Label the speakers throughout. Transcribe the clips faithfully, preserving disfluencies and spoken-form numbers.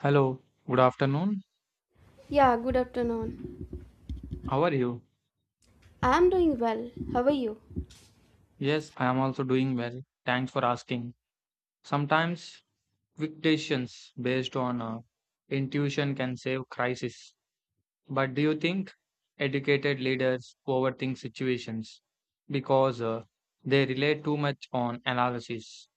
Speaker 1: Hello, good afternoon.
Speaker 2: Yeah, good afternoon.
Speaker 1: How are you?
Speaker 2: I'm doing well. How are you?
Speaker 1: Yes, I am also doing well. Thanks for asking. Sometimes fictions based on uh, intuition can save crisis. But do you think educated leaders overthink situations because uh, they rely too much on analysis?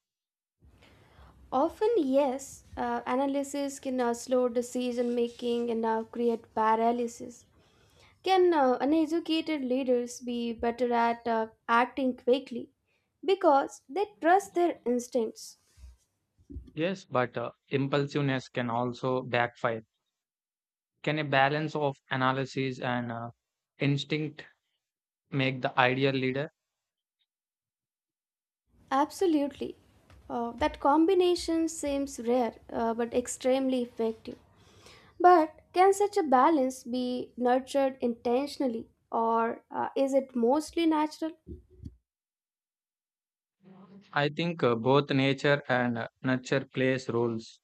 Speaker 2: Often, yes, uh, analysis can uh, slow decision making and uh, create paralysis. Can uh, uneducated leaders be better at uh, acting quickly because they trust their instincts?
Speaker 1: Yes, but uh, impulsiveness can also backfire. Can a balance of analysis and uh, instinct make the ideal leader?
Speaker 2: Absolutely. Uh, that combination seems rare uh, but extremely effective. But can such a balance be nurtured intentionally or uh, is it mostly natural?
Speaker 1: I think uh, both nature and uh, nurture plays roles.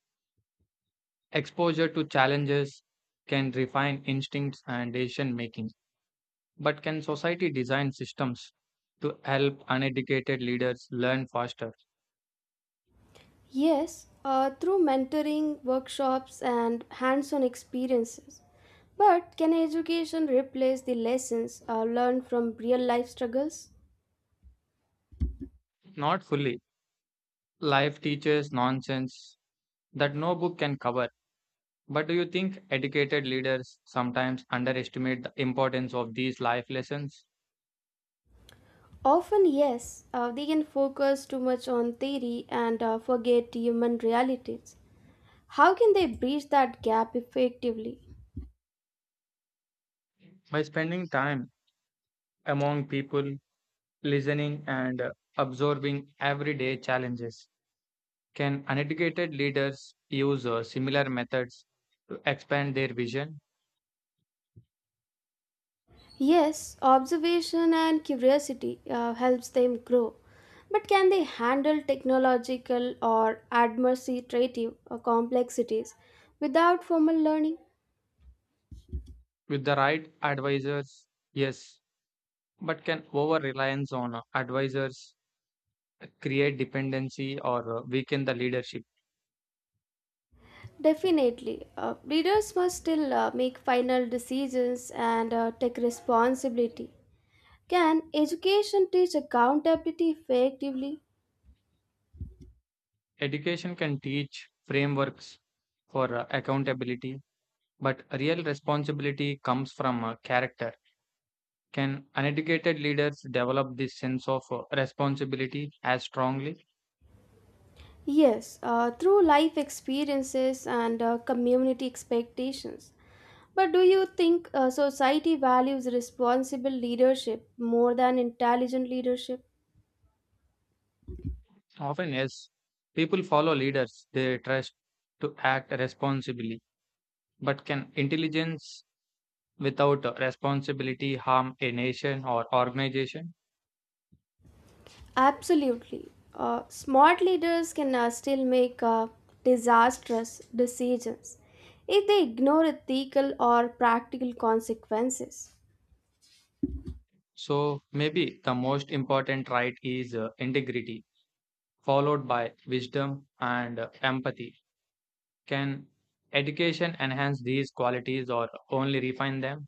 Speaker 1: Exposure to challenges can refine instincts and decision making, but can society design systems to help uneducated leaders learn faster?
Speaker 2: Yes, uh, through mentoring, workshops, and hands on experiences. But can education replace the lessons uh, learned from real life struggles?
Speaker 1: Not fully. Life teaches nonsense that no book can cover. But do you think educated leaders sometimes underestimate the importance of these life lessons?
Speaker 2: Often, yes, uh, they can focus too much on theory and uh, forget human realities. How can they bridge that gap effectively?
Speaker 1: By spending time among people, listening and uh, absorbing everyday challenges, can uneducated leaders use uh, similar methods to expand their vision?
Speaker 2: Yes, observation and curiosity uh, helps them grow. But can they handle technological or administrative uh, complexities without formal learning?
Speaker 1: With the right advisors, yes, but can over reliance on uh, advisors create dependency or uh, weaken the leadership?
Speaker 2: Definitely. Uh, leaders must still uh, make final decisions and uh, take responsibility. Can education teach accountability effectively?
Speaker 1: Education can teach frameworks for uh, accountability, but real responsibility comes from uh, character. Can uneducated leaders develop this sense of uh, responsibility as strongly?
Speaker 2: Yes, uh, through life experiences and uh, community expectations. But do you think uh, society values responsible leadership more than intelligent leadership?
Speaker 1: Often, yes, people follow leaders they trust to act responsibly. But can intelligence without responsibility harm a nation or organization?
Speaker 2: Absolutely. Uh, smart leaders can uh, still make uh, disastrous decisions if they ignore ethical or practical consequences.
Speaker 1: So, maybe the most important right is uh, integrity, followed by wisdom and uh, empathy. Can education enhance these qualities or only refine them?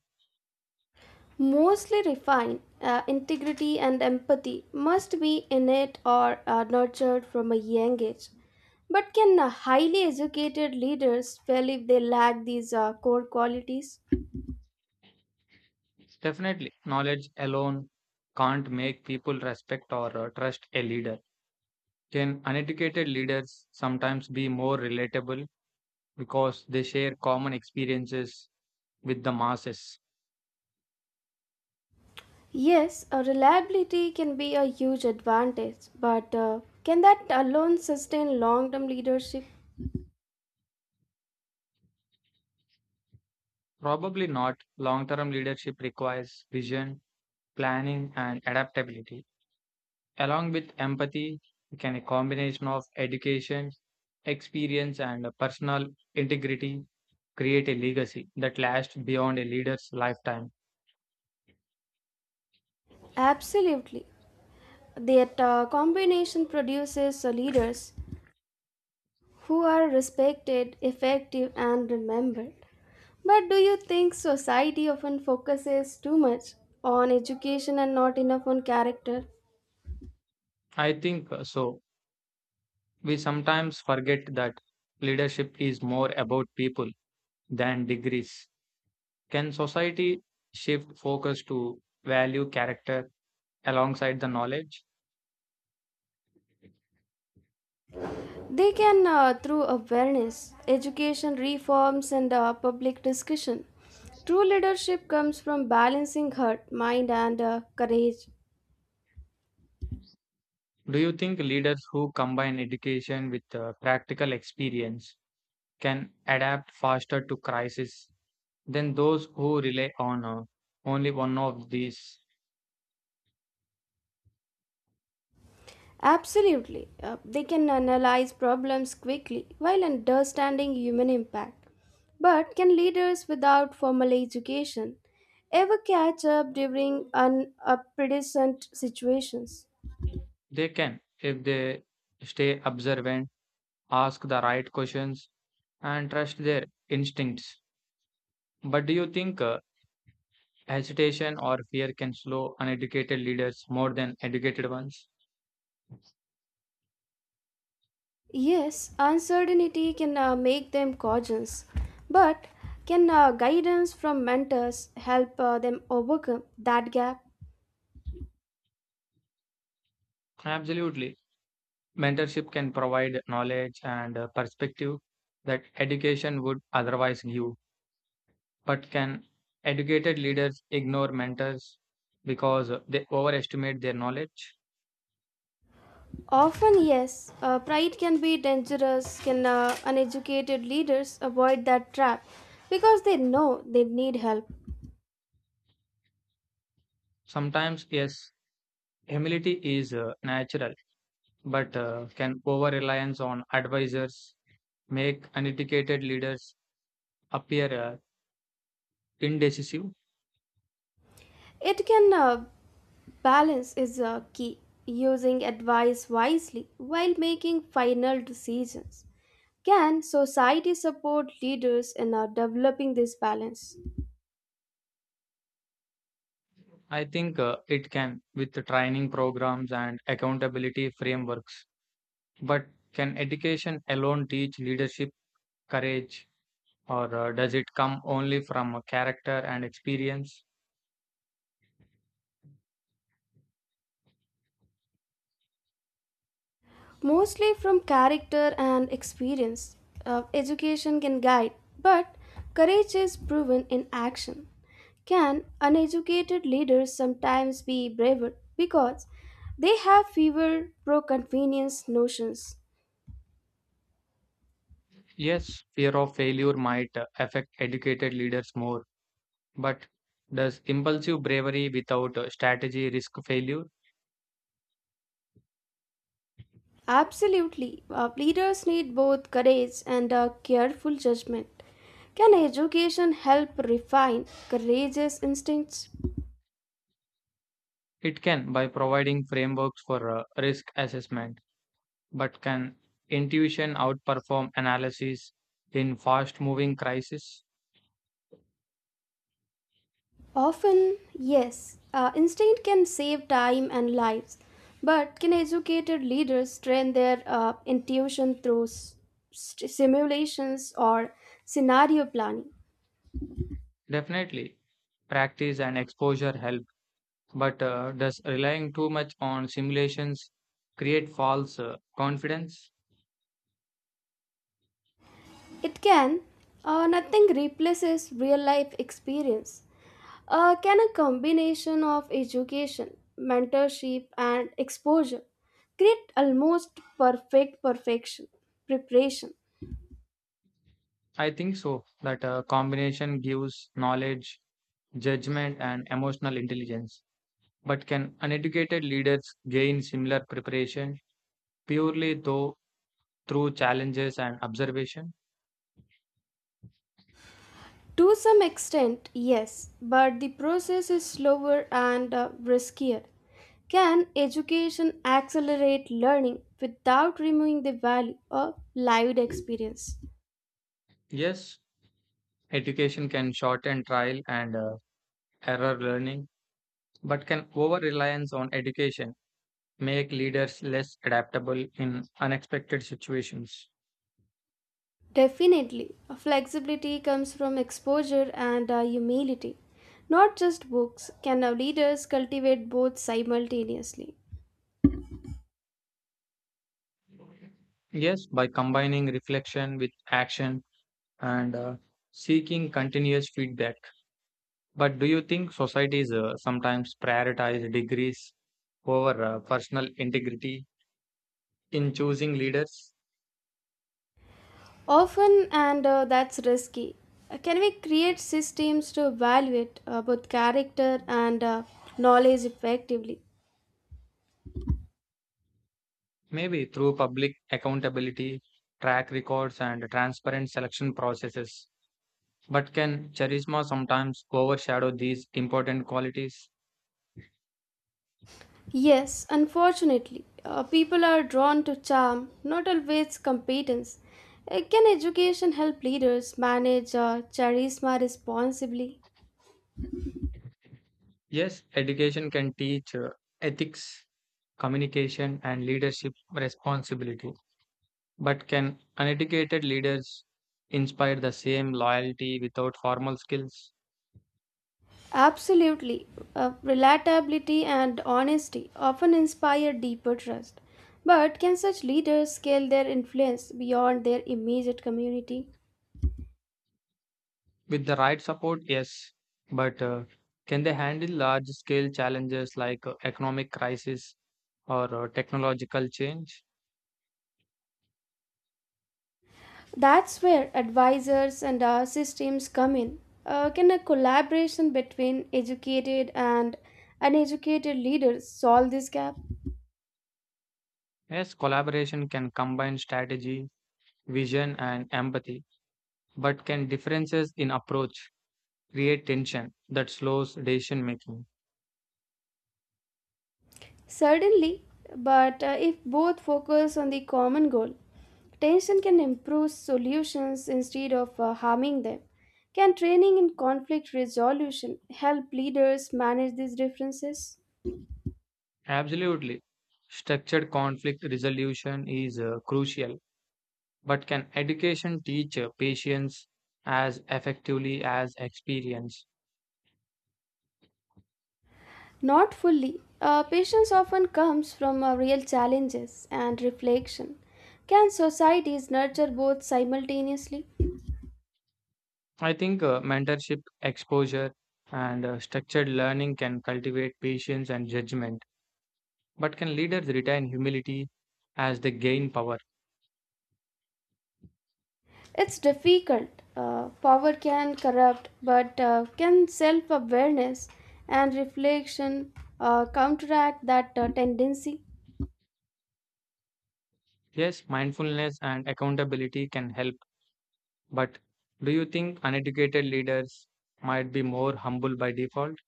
Speaker 2: Mostly refined, uh, integrity and empathy must be innate or uh, nurtured from a young age. But can uh, highly educated leaders fail if they lack these uh, core qualities?
Speaker 1: Definitely, knowledge alone can't make people respect or uh, trust a leader. Can uneducated leaders sometimes be more relatable because they share common experiences with the masses?
Speaker 2: Yes, uh, reliability can be a huge advantage, but uh, can that alone sustain long term leadership?
Speaker 1: Probably not. Long term leadership requires vision, planning, and adaptability. Along with empathy, can a combination of education, experience, and personal integrity create a legacy that lasts beyond a leader's lifetime?
Speaker 2: Absolutely. That uh, combination produces uh, leaders who are respected, effective, and remembered. But do you think society often focuses too much on education and not enough on character?
Speaker 1: I think uh, so. We sometimes forget that leadership is more about people than degrees. Can society shift focus to value character alongside the knowledge?
Speaker 2: They can uh, through awareness, education reforms, and uh, public discussion. True leadership comes from balancing heart, mind, and uh, courage.
Speaker 1: Do you think leaders who combine education with uh, practical experience can adapt faster to crisis than those who rely on uh, only one of these?
Speaker 2: Absolutely. Uh, they can analyze problems quickly while understanding human impact. But can leaders without formal education ever catch up during unprecedented situations?
Speaker 1: They can if they stay observant, ask the right questions, and trust their instincts. But do you think uh, hesitation or fear can slow uneducated leaders more than educated ones?
Speaker 2: Yes, uncertainty can uh, make them cautious, but can uh, guidance from mentors help uh, them overcome that gap?
Speaker 1: Absolutely. Mentorship can provide knowledge and uh, perspective that education would otherwise give. But can educated leaders ignore mentors because uh, they overestimate their knowledge?
Speaker 2: Often, yes. Uh, pride can be dangerous. Can uh, uneducated leaders avoid that trap because they know they need help?
Speaker 1: Sometimes, yes, humility is uh, natural, but uh, can over reliance on advisors make uneducated leaders appear uh, indecisive?
Speaker 2: It can uh, balance is uh, key. Using advice wisely while making final decisions. Can society support leaders in uh, developing this balance?
Speaker 1: I think uh, it can with training programs and accountability frameworks. But can education alone teach leadership, courage, or uh, does it come only from a character and experience?
Speaker 2: Mostly from character and experience. Uh, education can guide, but courage is proven in action. Can uneducated leaders sometimes be braver because they have fewer pro convenience notions?
Speaker 1: Yes, fear of failure might uh, affect educated leaders more, but does impulsive bravery without uh, strategy risk failure?
Speaker 2: Absolutely. Uh, leaders need both courage and a careful judgment. Can education help refine courageous instincts?
Speaker 1: It can by providing frameworks for uh, risk assessment, but can intuition outperform analysis in fast moving crises?
Speaker 2: Often, yes, uh, instinct can save time and lives, but can educated leaders train their uh, intuition through s- st- simulations or scenario planning?
Speaker 1: Definitely. Practice and exposure help. But uh, does relying too much on simulations create false uh, confidence?
Speaker 2: It can. Uh, nothing replaces real life experience. Uh, can a combination of education, mentorship, and exposure create almost perfect perfection preparation?
Speaker 1: I think so. That uh, combination gives knowledge, judgment, and emotional intelligence. But can uneducated leaders gain similar preparation purely though through challenges and observation?
Speaker 2: To some extent, yes, but the process is slower and uh, riskier. Can education accelerate learning without removing the value of lived experience?
Speaker 1: Yes, education can shorten trial and uh, error learning, but can over reliance on education make leaders less adaptable in unexpected situations?
Speaker 2: Definitely, flexibility comes from exposure and uh, humility. Not just books, can our leaders cultivate both simultaneously?
Speaker 1: Yes, by combining reflection with action and uh, seeking continuous feedback. But do you think societies uh, sometimes prioritize degrees over uh, personal integrity in choosing leaders?
Speaker 2: Often, and uh, that's risky. Uh, Can we create systems to evaluate uh, both character and uh, knowledge effectively?
Speaker 1: Maybe through public accountability, track records, and transparent selection processes. But can charisma sometimes overshadow these important qualities?
Speaker 2: Yes, unfortunately, uh, people are drawn to charm, not always competence. Uh, can education help leaders manage uh, charisma responsibly?
Speaker 1: Yes, education can teach uh, ethics, communication, and leadership responsibility. But can uneducated leaders inspire the same loyalty without formal skills?
Speaker 2: Absolutely. Uh, relatability and honesty often inspire deeper trust. But can such leaders scale their influence beyond their immediate community?
Speaker 1: With the right support, yes, but uh, can they handle large scale challenges like uh, economic crisis or uh, technological change?
Speaker 2: That's where advisors and our systems come in. Uh, can a collaboration between educated and uneducated leaders solve this gap?
Speaker 1: Yes, collaboration can combine strategy, vision, and empathy, but can differences in approach create tension that slows decision making?
Speaker 2: Certainly, but uh, if both focus on the common goal, tension can improve solutions instead of uh, harming them. Can training in conflict resolution help leaders manage these differences?
Speaker 1: Absolutely. Structured conflict resolution is uh, crucial. But can education teach uh, patience as effectively as experience?
Speaker 2: Not fully. Uh, patience often comes from uh, real challenges and reflection. Can societies nurture both simultaneously?
Speaker 1: I think uh, mentorship, exposure, and uh, structured learning can cultivate patience and judgment. But can leaders retain humility as they gain power?
Speaker 2: It's difficult. Uh, power can corrupt, but uh, can self awareness and reflection uh, counteract that uh, tendency?
Speaker 1: Yes, mindfulness and accountability can help. But do you think uneducated leaders might be more humble by default?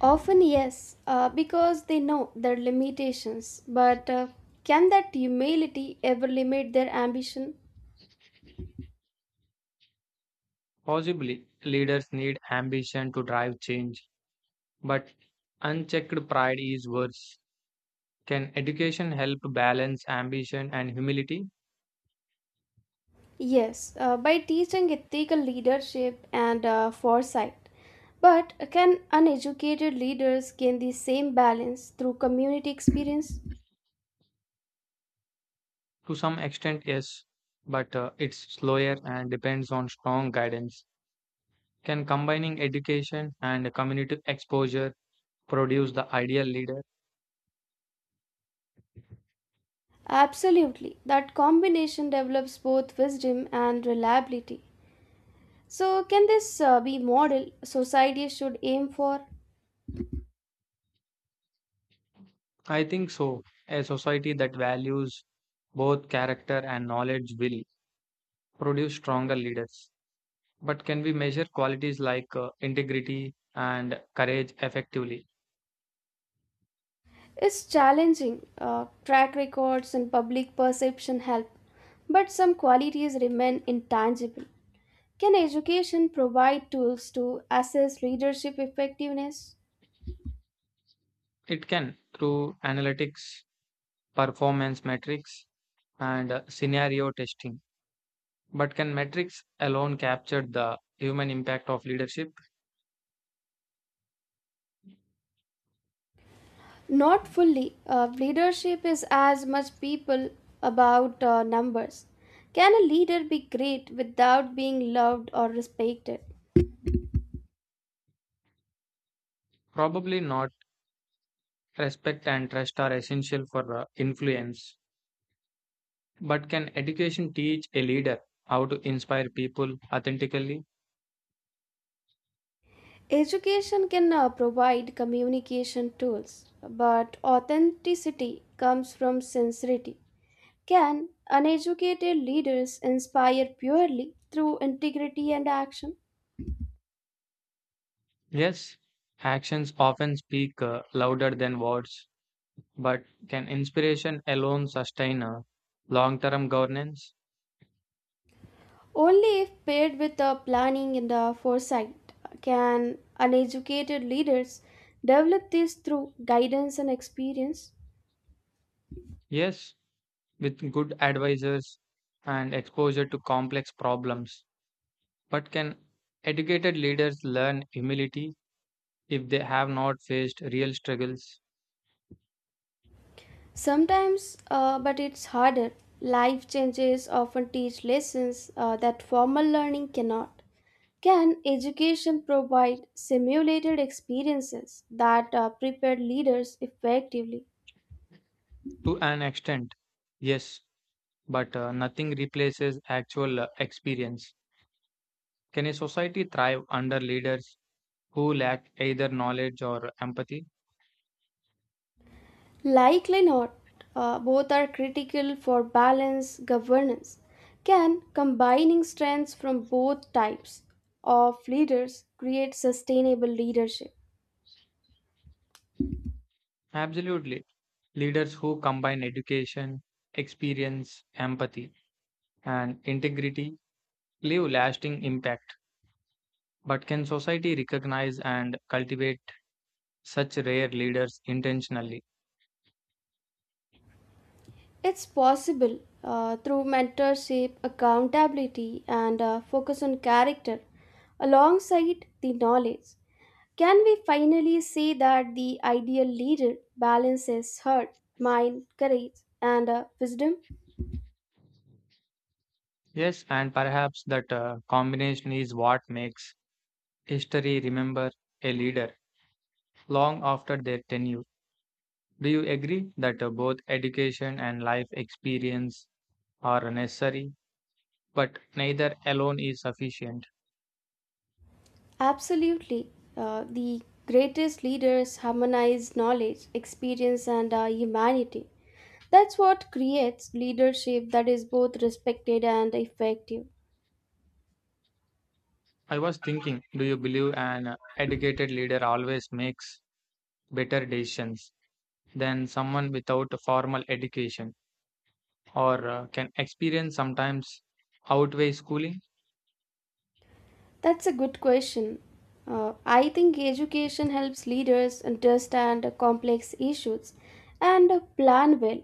Speaker 2: Often, yes, uh, because they know their limitations. But uh, can that humility ever limit their ambition?
Speaker 1: Possibly, leaders need ambition to drive change, but unchecked pride is worse. Can education help balance ambition and humility?
Speaker 2: Yes, uh, by teaching ethical leadership and uh, foresight. But can uneducated leaders gain the same balance through community experience?
Speaker 1: To some extent, yes, but uh, it's slower and depends on strong guidance. Can combining education and community exposure produce the ideal leader?
Speaker 2: Absolutely. That combination develops both wisdom and reliability. So, can this uh, be model society should aim for?
Speaker 1: I think so. A society that values both character and knowledge will produce stronger leaders. But can we measure qualities like uh, integrity and courage effectively?
Speaker 2: It's challenging. Uh, track records and public perception help, but some qualities remain intangible. Can education provide tools to assess leadership effectiveness?
Speaker 1: It can through analytics, performance metrics, and uh, scenario testing. But can metrics alone capture the human impact of leadership?
Speaker 2: Not fully. Uh, leadership is as much people about uh, numbers. Can a leader be great without being loved or respected?
Speaker 1: Probably not. Respect and trust are essential for uh, influence. But can education teach a leader how to inspire people authentically?
Speaker 2: Education can uh, provide communication tools, but authenticity comes from sincerity. Can uneducated leaders inspire purely through integrity and action?
Speaker 1: Yes, actions often speak uh, louder than words. But can inspiration alone sustain a long term governance?
Speaker 2: Only if paired with the planning and the foresight can uneducated leaders develop this through guidance and experience.
Speaker 1: Yes, with good advisors and exposure to complex problems. But can educated leaders learn humility if they have not faced real struggles?
Speaker 2: Sometimes, uh, but it's harder. Life changes often teach lessons uh, that formal learning cannot. Can education provide simulated experiences that uh, prepare leaders effectively?
Speaker 1: To an extent, yes, but uh, nothing replaces actual uh, experience. Can a society thrive under leaders who lack either knowledge or empathy?
Speaker 2: Likely not. Uh, both are critical for balanced governance. Can combining strengths from both types of leaders create sustainable leadership?
Speaker 1: Absolutely. Leaders who combine education, experience, empathy, and integrity leave lasting impact. But can society recognize and cultivate such rare leaders intentionally?
Speaker 2: It's possible uh, through mentorship, accountability, and uh, focus on character alongside the knowledge. Can we finally say that the ideal leader balances heart, mind, courage, and uh, wisdom?
Speaker 1: Yes, and perhaps that uh, combination is what makes history remember a leader long after their tenure. Do you agree that uh, both education and life experience are necessary, but neither alone is sufficient?
Speaker 2: Absolutely. Uh, the greatest leaders harmonize knowledge, experience, and uh, humanity. That's what creates leadership that is both respected and effective.
Speaker 1: I was thinking, do you believe an uh, educated leader always makes better decisions than someone without a formal education, or uh, can experience sometimes outweigh schooling?
Speaker 2: That's a good question. Uh, I think education helps leaders understand complex issues and plan well.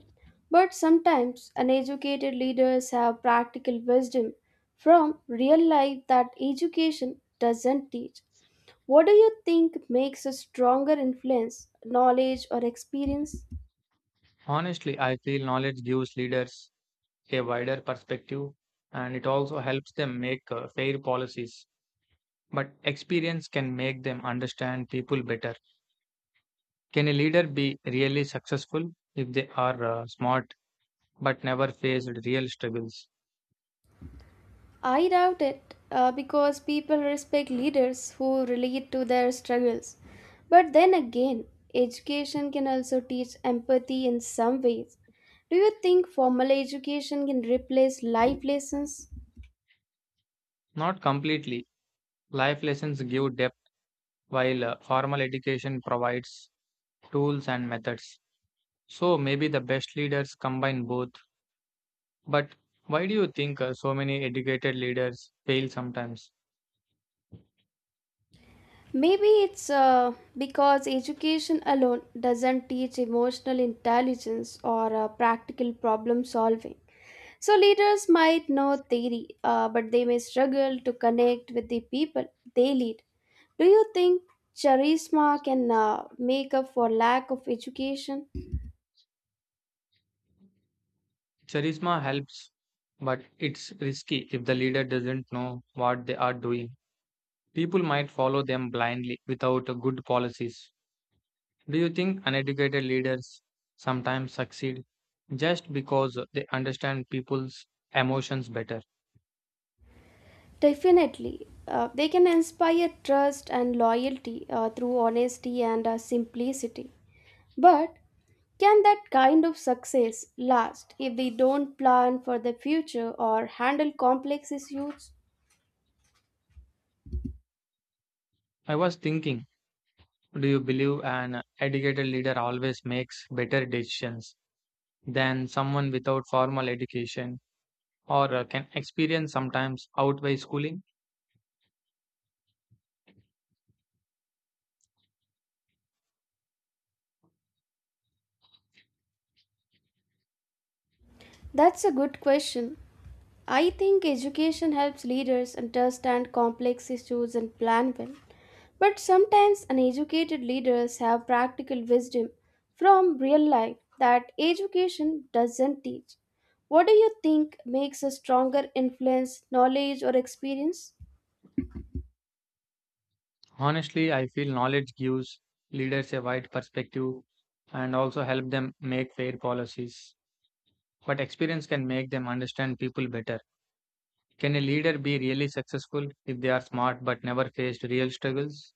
Speaker 2: But sometimes uneducated leaders have practical wisdom from real life that education doesn't teach. What do you think makes a stronger influence, knowledge or experience?
Speaker 1: Honestly, I feel knowledge gives leaders a wider perspective and it also helps them make uh, fair policies. But experience can make them understand people better. Can a leader be really successful if they are uh, smart but never faced real struggles?
Speaker 2: I doubt it uh, because people respect leaders who relate to their struggles. But then again, education can also teach empathy in some ways. Do you think formal education can replace life lessons?
Speaker 1: Not completely. Life lessons give depth while uh, formal education provides tools and methods. So maybe the best leaders combine both. But why do you think uh, so many educated leaders fail sometimes?
Speaker 2: Maybe it's uh, because education alone doesn't teach emotional intelligence or uh, practical problem solving. So, leaders might know theory, uh, but they may struggle to connect with the people they lead. Do you think charisma can uh, make up for lack of education?
Speaker 1: Charisma helps, but it's risky if the leader doesn't know what they are doing. People might follow them blindly without uh, good policies. Do you think uneducated leaders sometimes succeed just because they understand people's emotions better?
Speaker 2: Definitely. Uh, they can inspire trust and loyalty uh, through honesty and uh, simplicity. But can that kind of success last if they don't plan for the future or handle complex issues?
Speaker 1: I was thinking, do you believe an educated leader always makes better decisions than someone without formal education, or uh, can experience sometimes outweigh schooling?
Speaker 2: That's a good question. I think education helps leaders understand complex issues and plan well. But sometimes uneducated leaders have practical wisdom from real life that education doesn't teach. What do you think makes a stronger influence, knowledge, or experience?
Speaker 1: Honestly, I feel knowledge gives leaders a wide perspective and also help them make fair policies. But experience can make them understand people better. Can a leader be really successful if they are smart but never faced real struggles?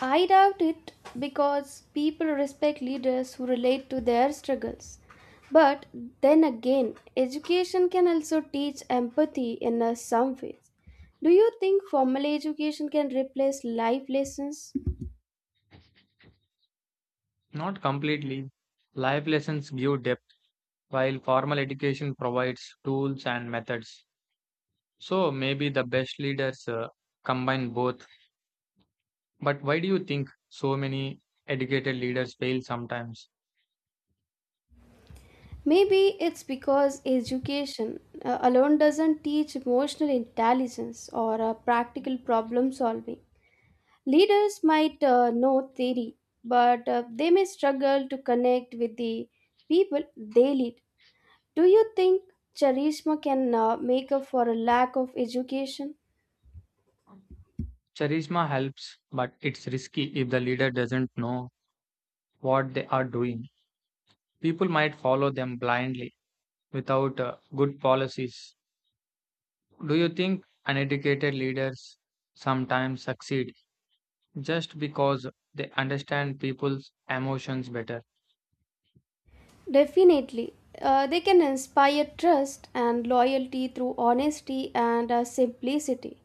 Speaker 2: I doubt it because people respect leaders who relate to their struggles. But then again, education can also teach empathy in a some ways. Do you think formal education can replace life lessons?
Speaker 1: Not completely. Life lessons give depth, while formal education provides tools and methods. So maybe the best leaders uh, combine both. But why do you think so many educated leaders fail sometimes?
Speaker 2: Maybe it's because education uh, alone doesn't teach emotional intelligence or uh, practical problem solving. Leaders might uh, know theory, but uh, they may struggle to connect with the people they lead. Do you think charisma can uh, make up for a lack of education?
Speaker 1: Charisma helps, but it's risky if the leader doesn't know what they are doing. People might follow them blindly without uh, good policies. Do you think uneducated leaders sometimes succeed just because they understand people's emotions better?
Speaker 2: Definitely. Uh, they can inspire trust and loyalty through honesty and uh, simplicity.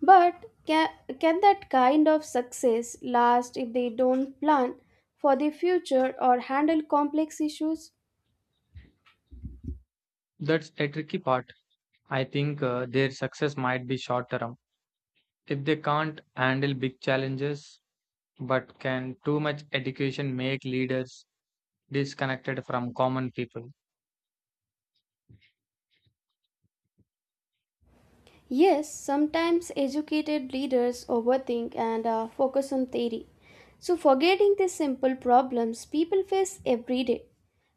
Speaker 2: But can, can that kind of success last if they don't plan for the future or handle complex issues?
Speaker 1: That's a tricky part. I think uh, their success might be short term. If they can't handle big challenges, but can too much education make leaders disconnected from common people?
Speaker 2: Yes, sometimes educated leaders overthink and uh, focus on theory. So, forgetting the simple problems people face every day.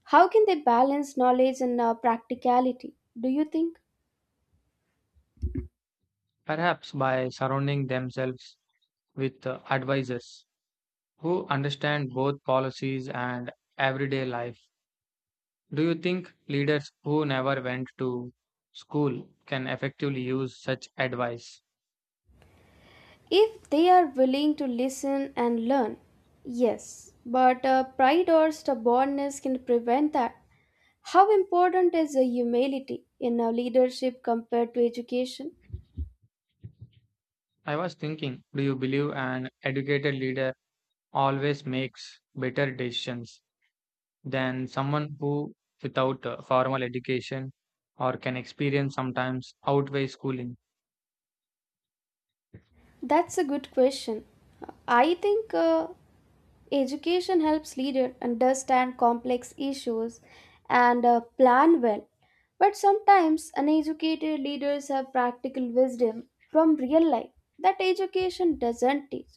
Speaker 2: How can they balance knowledge and uh, practicality, do you think?
Speaker 1: Perhaps by surrounding themselves with uh, advisors who understand both policies and everyday life. Do you think leaders who never went to school can effectively use such advice?
Speaker 2: If they are willing to listen and learn, yes, but uh, pride or stubbornness can prevent that. How important is the humility in uh, leadership compared to education?
Speaker 1: I was thinking, do you believe an educated leader always makes better decisions than someone who, without uh, formal education or can experience, sometimes outweigh schooling?
Speaker 2: That's a good question. I think uh, education helps leaders understand complex issues and uh, plan well. But sometimes uneducated leaders have practical wisdom from real life that education doesn't teach.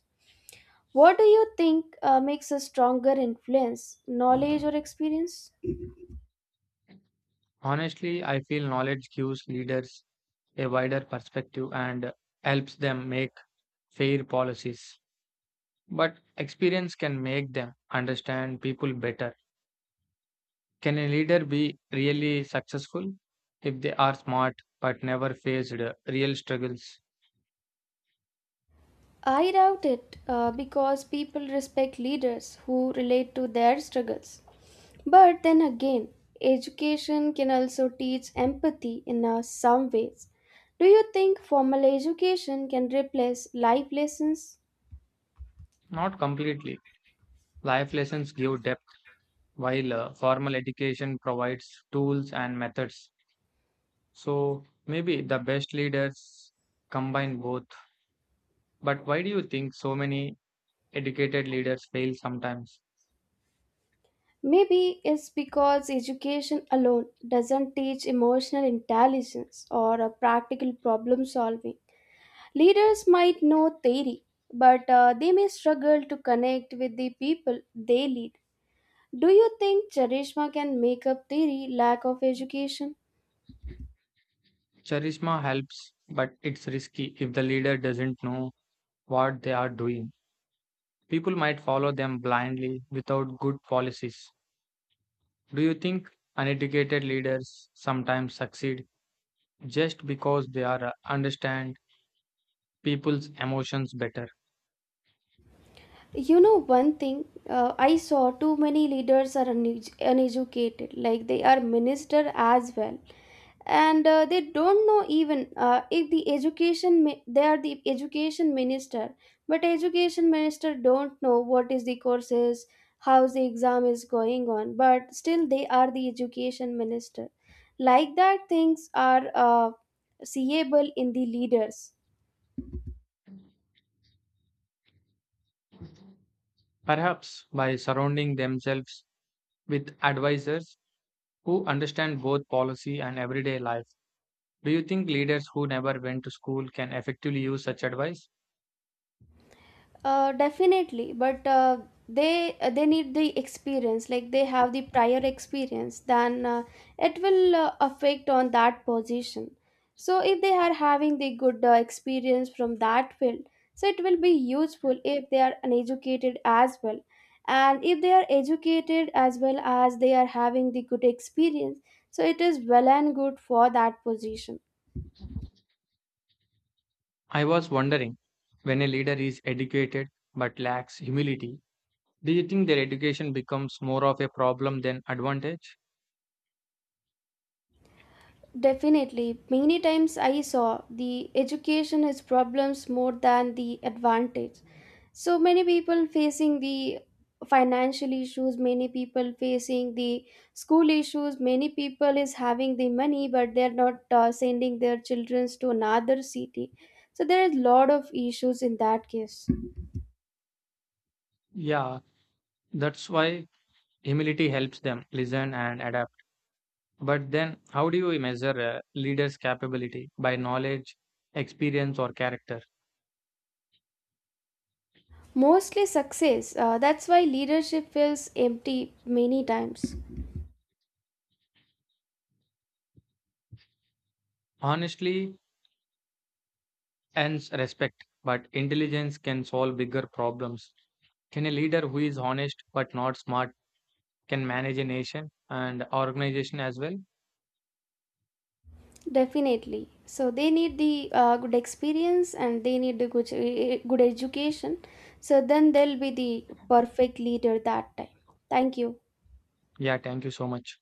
Speaker 2: What do you think uh, makes a stronger influence, knowledge or experience?
Speaker 1: Honestly, I feel knowledge gives leaders a wider perspective and helps them make fair policies. But experience can make them understand people better. Can a leader be really successful if they are smart but never faced uh, real struggles?
Speaker 2: I doubt it uh, because people respect leaders who relate to their struggles. But then again, education can also teach empathy in uh, some ways. Do you think formal education can replace life lessons?
Speaker 1: Not completely. Life lessons give depth, while uh, formal education provides tools and methods. So maybe the best leaders combine both. But why do you think so many educated leaders fail sometimes?
Speaker 2: Maybe it's because education alone doesn't teach emotional intelligence or uh, practical problem solving. Leaders might know theory, but uh, they may struggle to connect with the people they lead. Do you think Charishma can make up theory lack of education?
Speaker 1: Charisma helps, but it's risky if the leader doesn't know what they are doing. People might follow them blindly without good policies. Do you think uneducated leaders sometimes succeed just because they are uh, understand people's emotions better?
Speaker 2: You know one thing, uh, I saw too many leaders are unedu- uneducated, like they are minister as well, and uh, they don't know even uh, if the education mi- they are the education minister, but education minister don't know what is the courses, how the exam is going on, but still they are the education minister. Like that, things are uh, seeable in the leaders.
Speaker 1: Perhaps by surrounding themselves with advisors who understand both policy and everyday life. Do you think leaders who never went to school can effectively use such advice?
Speaker 2: Uh, definitely, but uh, they uh, they need the experience. Like they have the prior experience, then uh, it will uh, affect on that position. So if they are having the good uh, experience from that field, so it will be useful if they are uneducated as well. And if they are educated as well as they are having the good experience, so it is well and good for that position.
Speaker 1: I was wondering when a leader is educated but lacks humility, do you think their education becomes more of a problem than advantage?
Speaker 2: Definitely. Many times I saw the education has problems more than the advantage. So many people facing the financial issues, many people facing the school issues, many people is having the money but they are not uh, sending their children to another city. So there is lot of issues in that case.
Speaker 1: Yeah, that's why humility helps them listen and adapt. But then, how do you measure a leader's capability by knowledge, experience, or character?
Speaker 2: Mostly success. Uh, that's why leadership feels empty many times.
Speaker 1: Honestly, earns respect, but intelligence can solve bigger problems. Can a leader who is honest but not smart can manage a nation and organization as well?
Speaker 2: Definitely. So they need the uh, good experience and they need the good, good education. So then they'll be the perfect leader that time. Thank you.
Speaker 1: Yeah, thank you so much.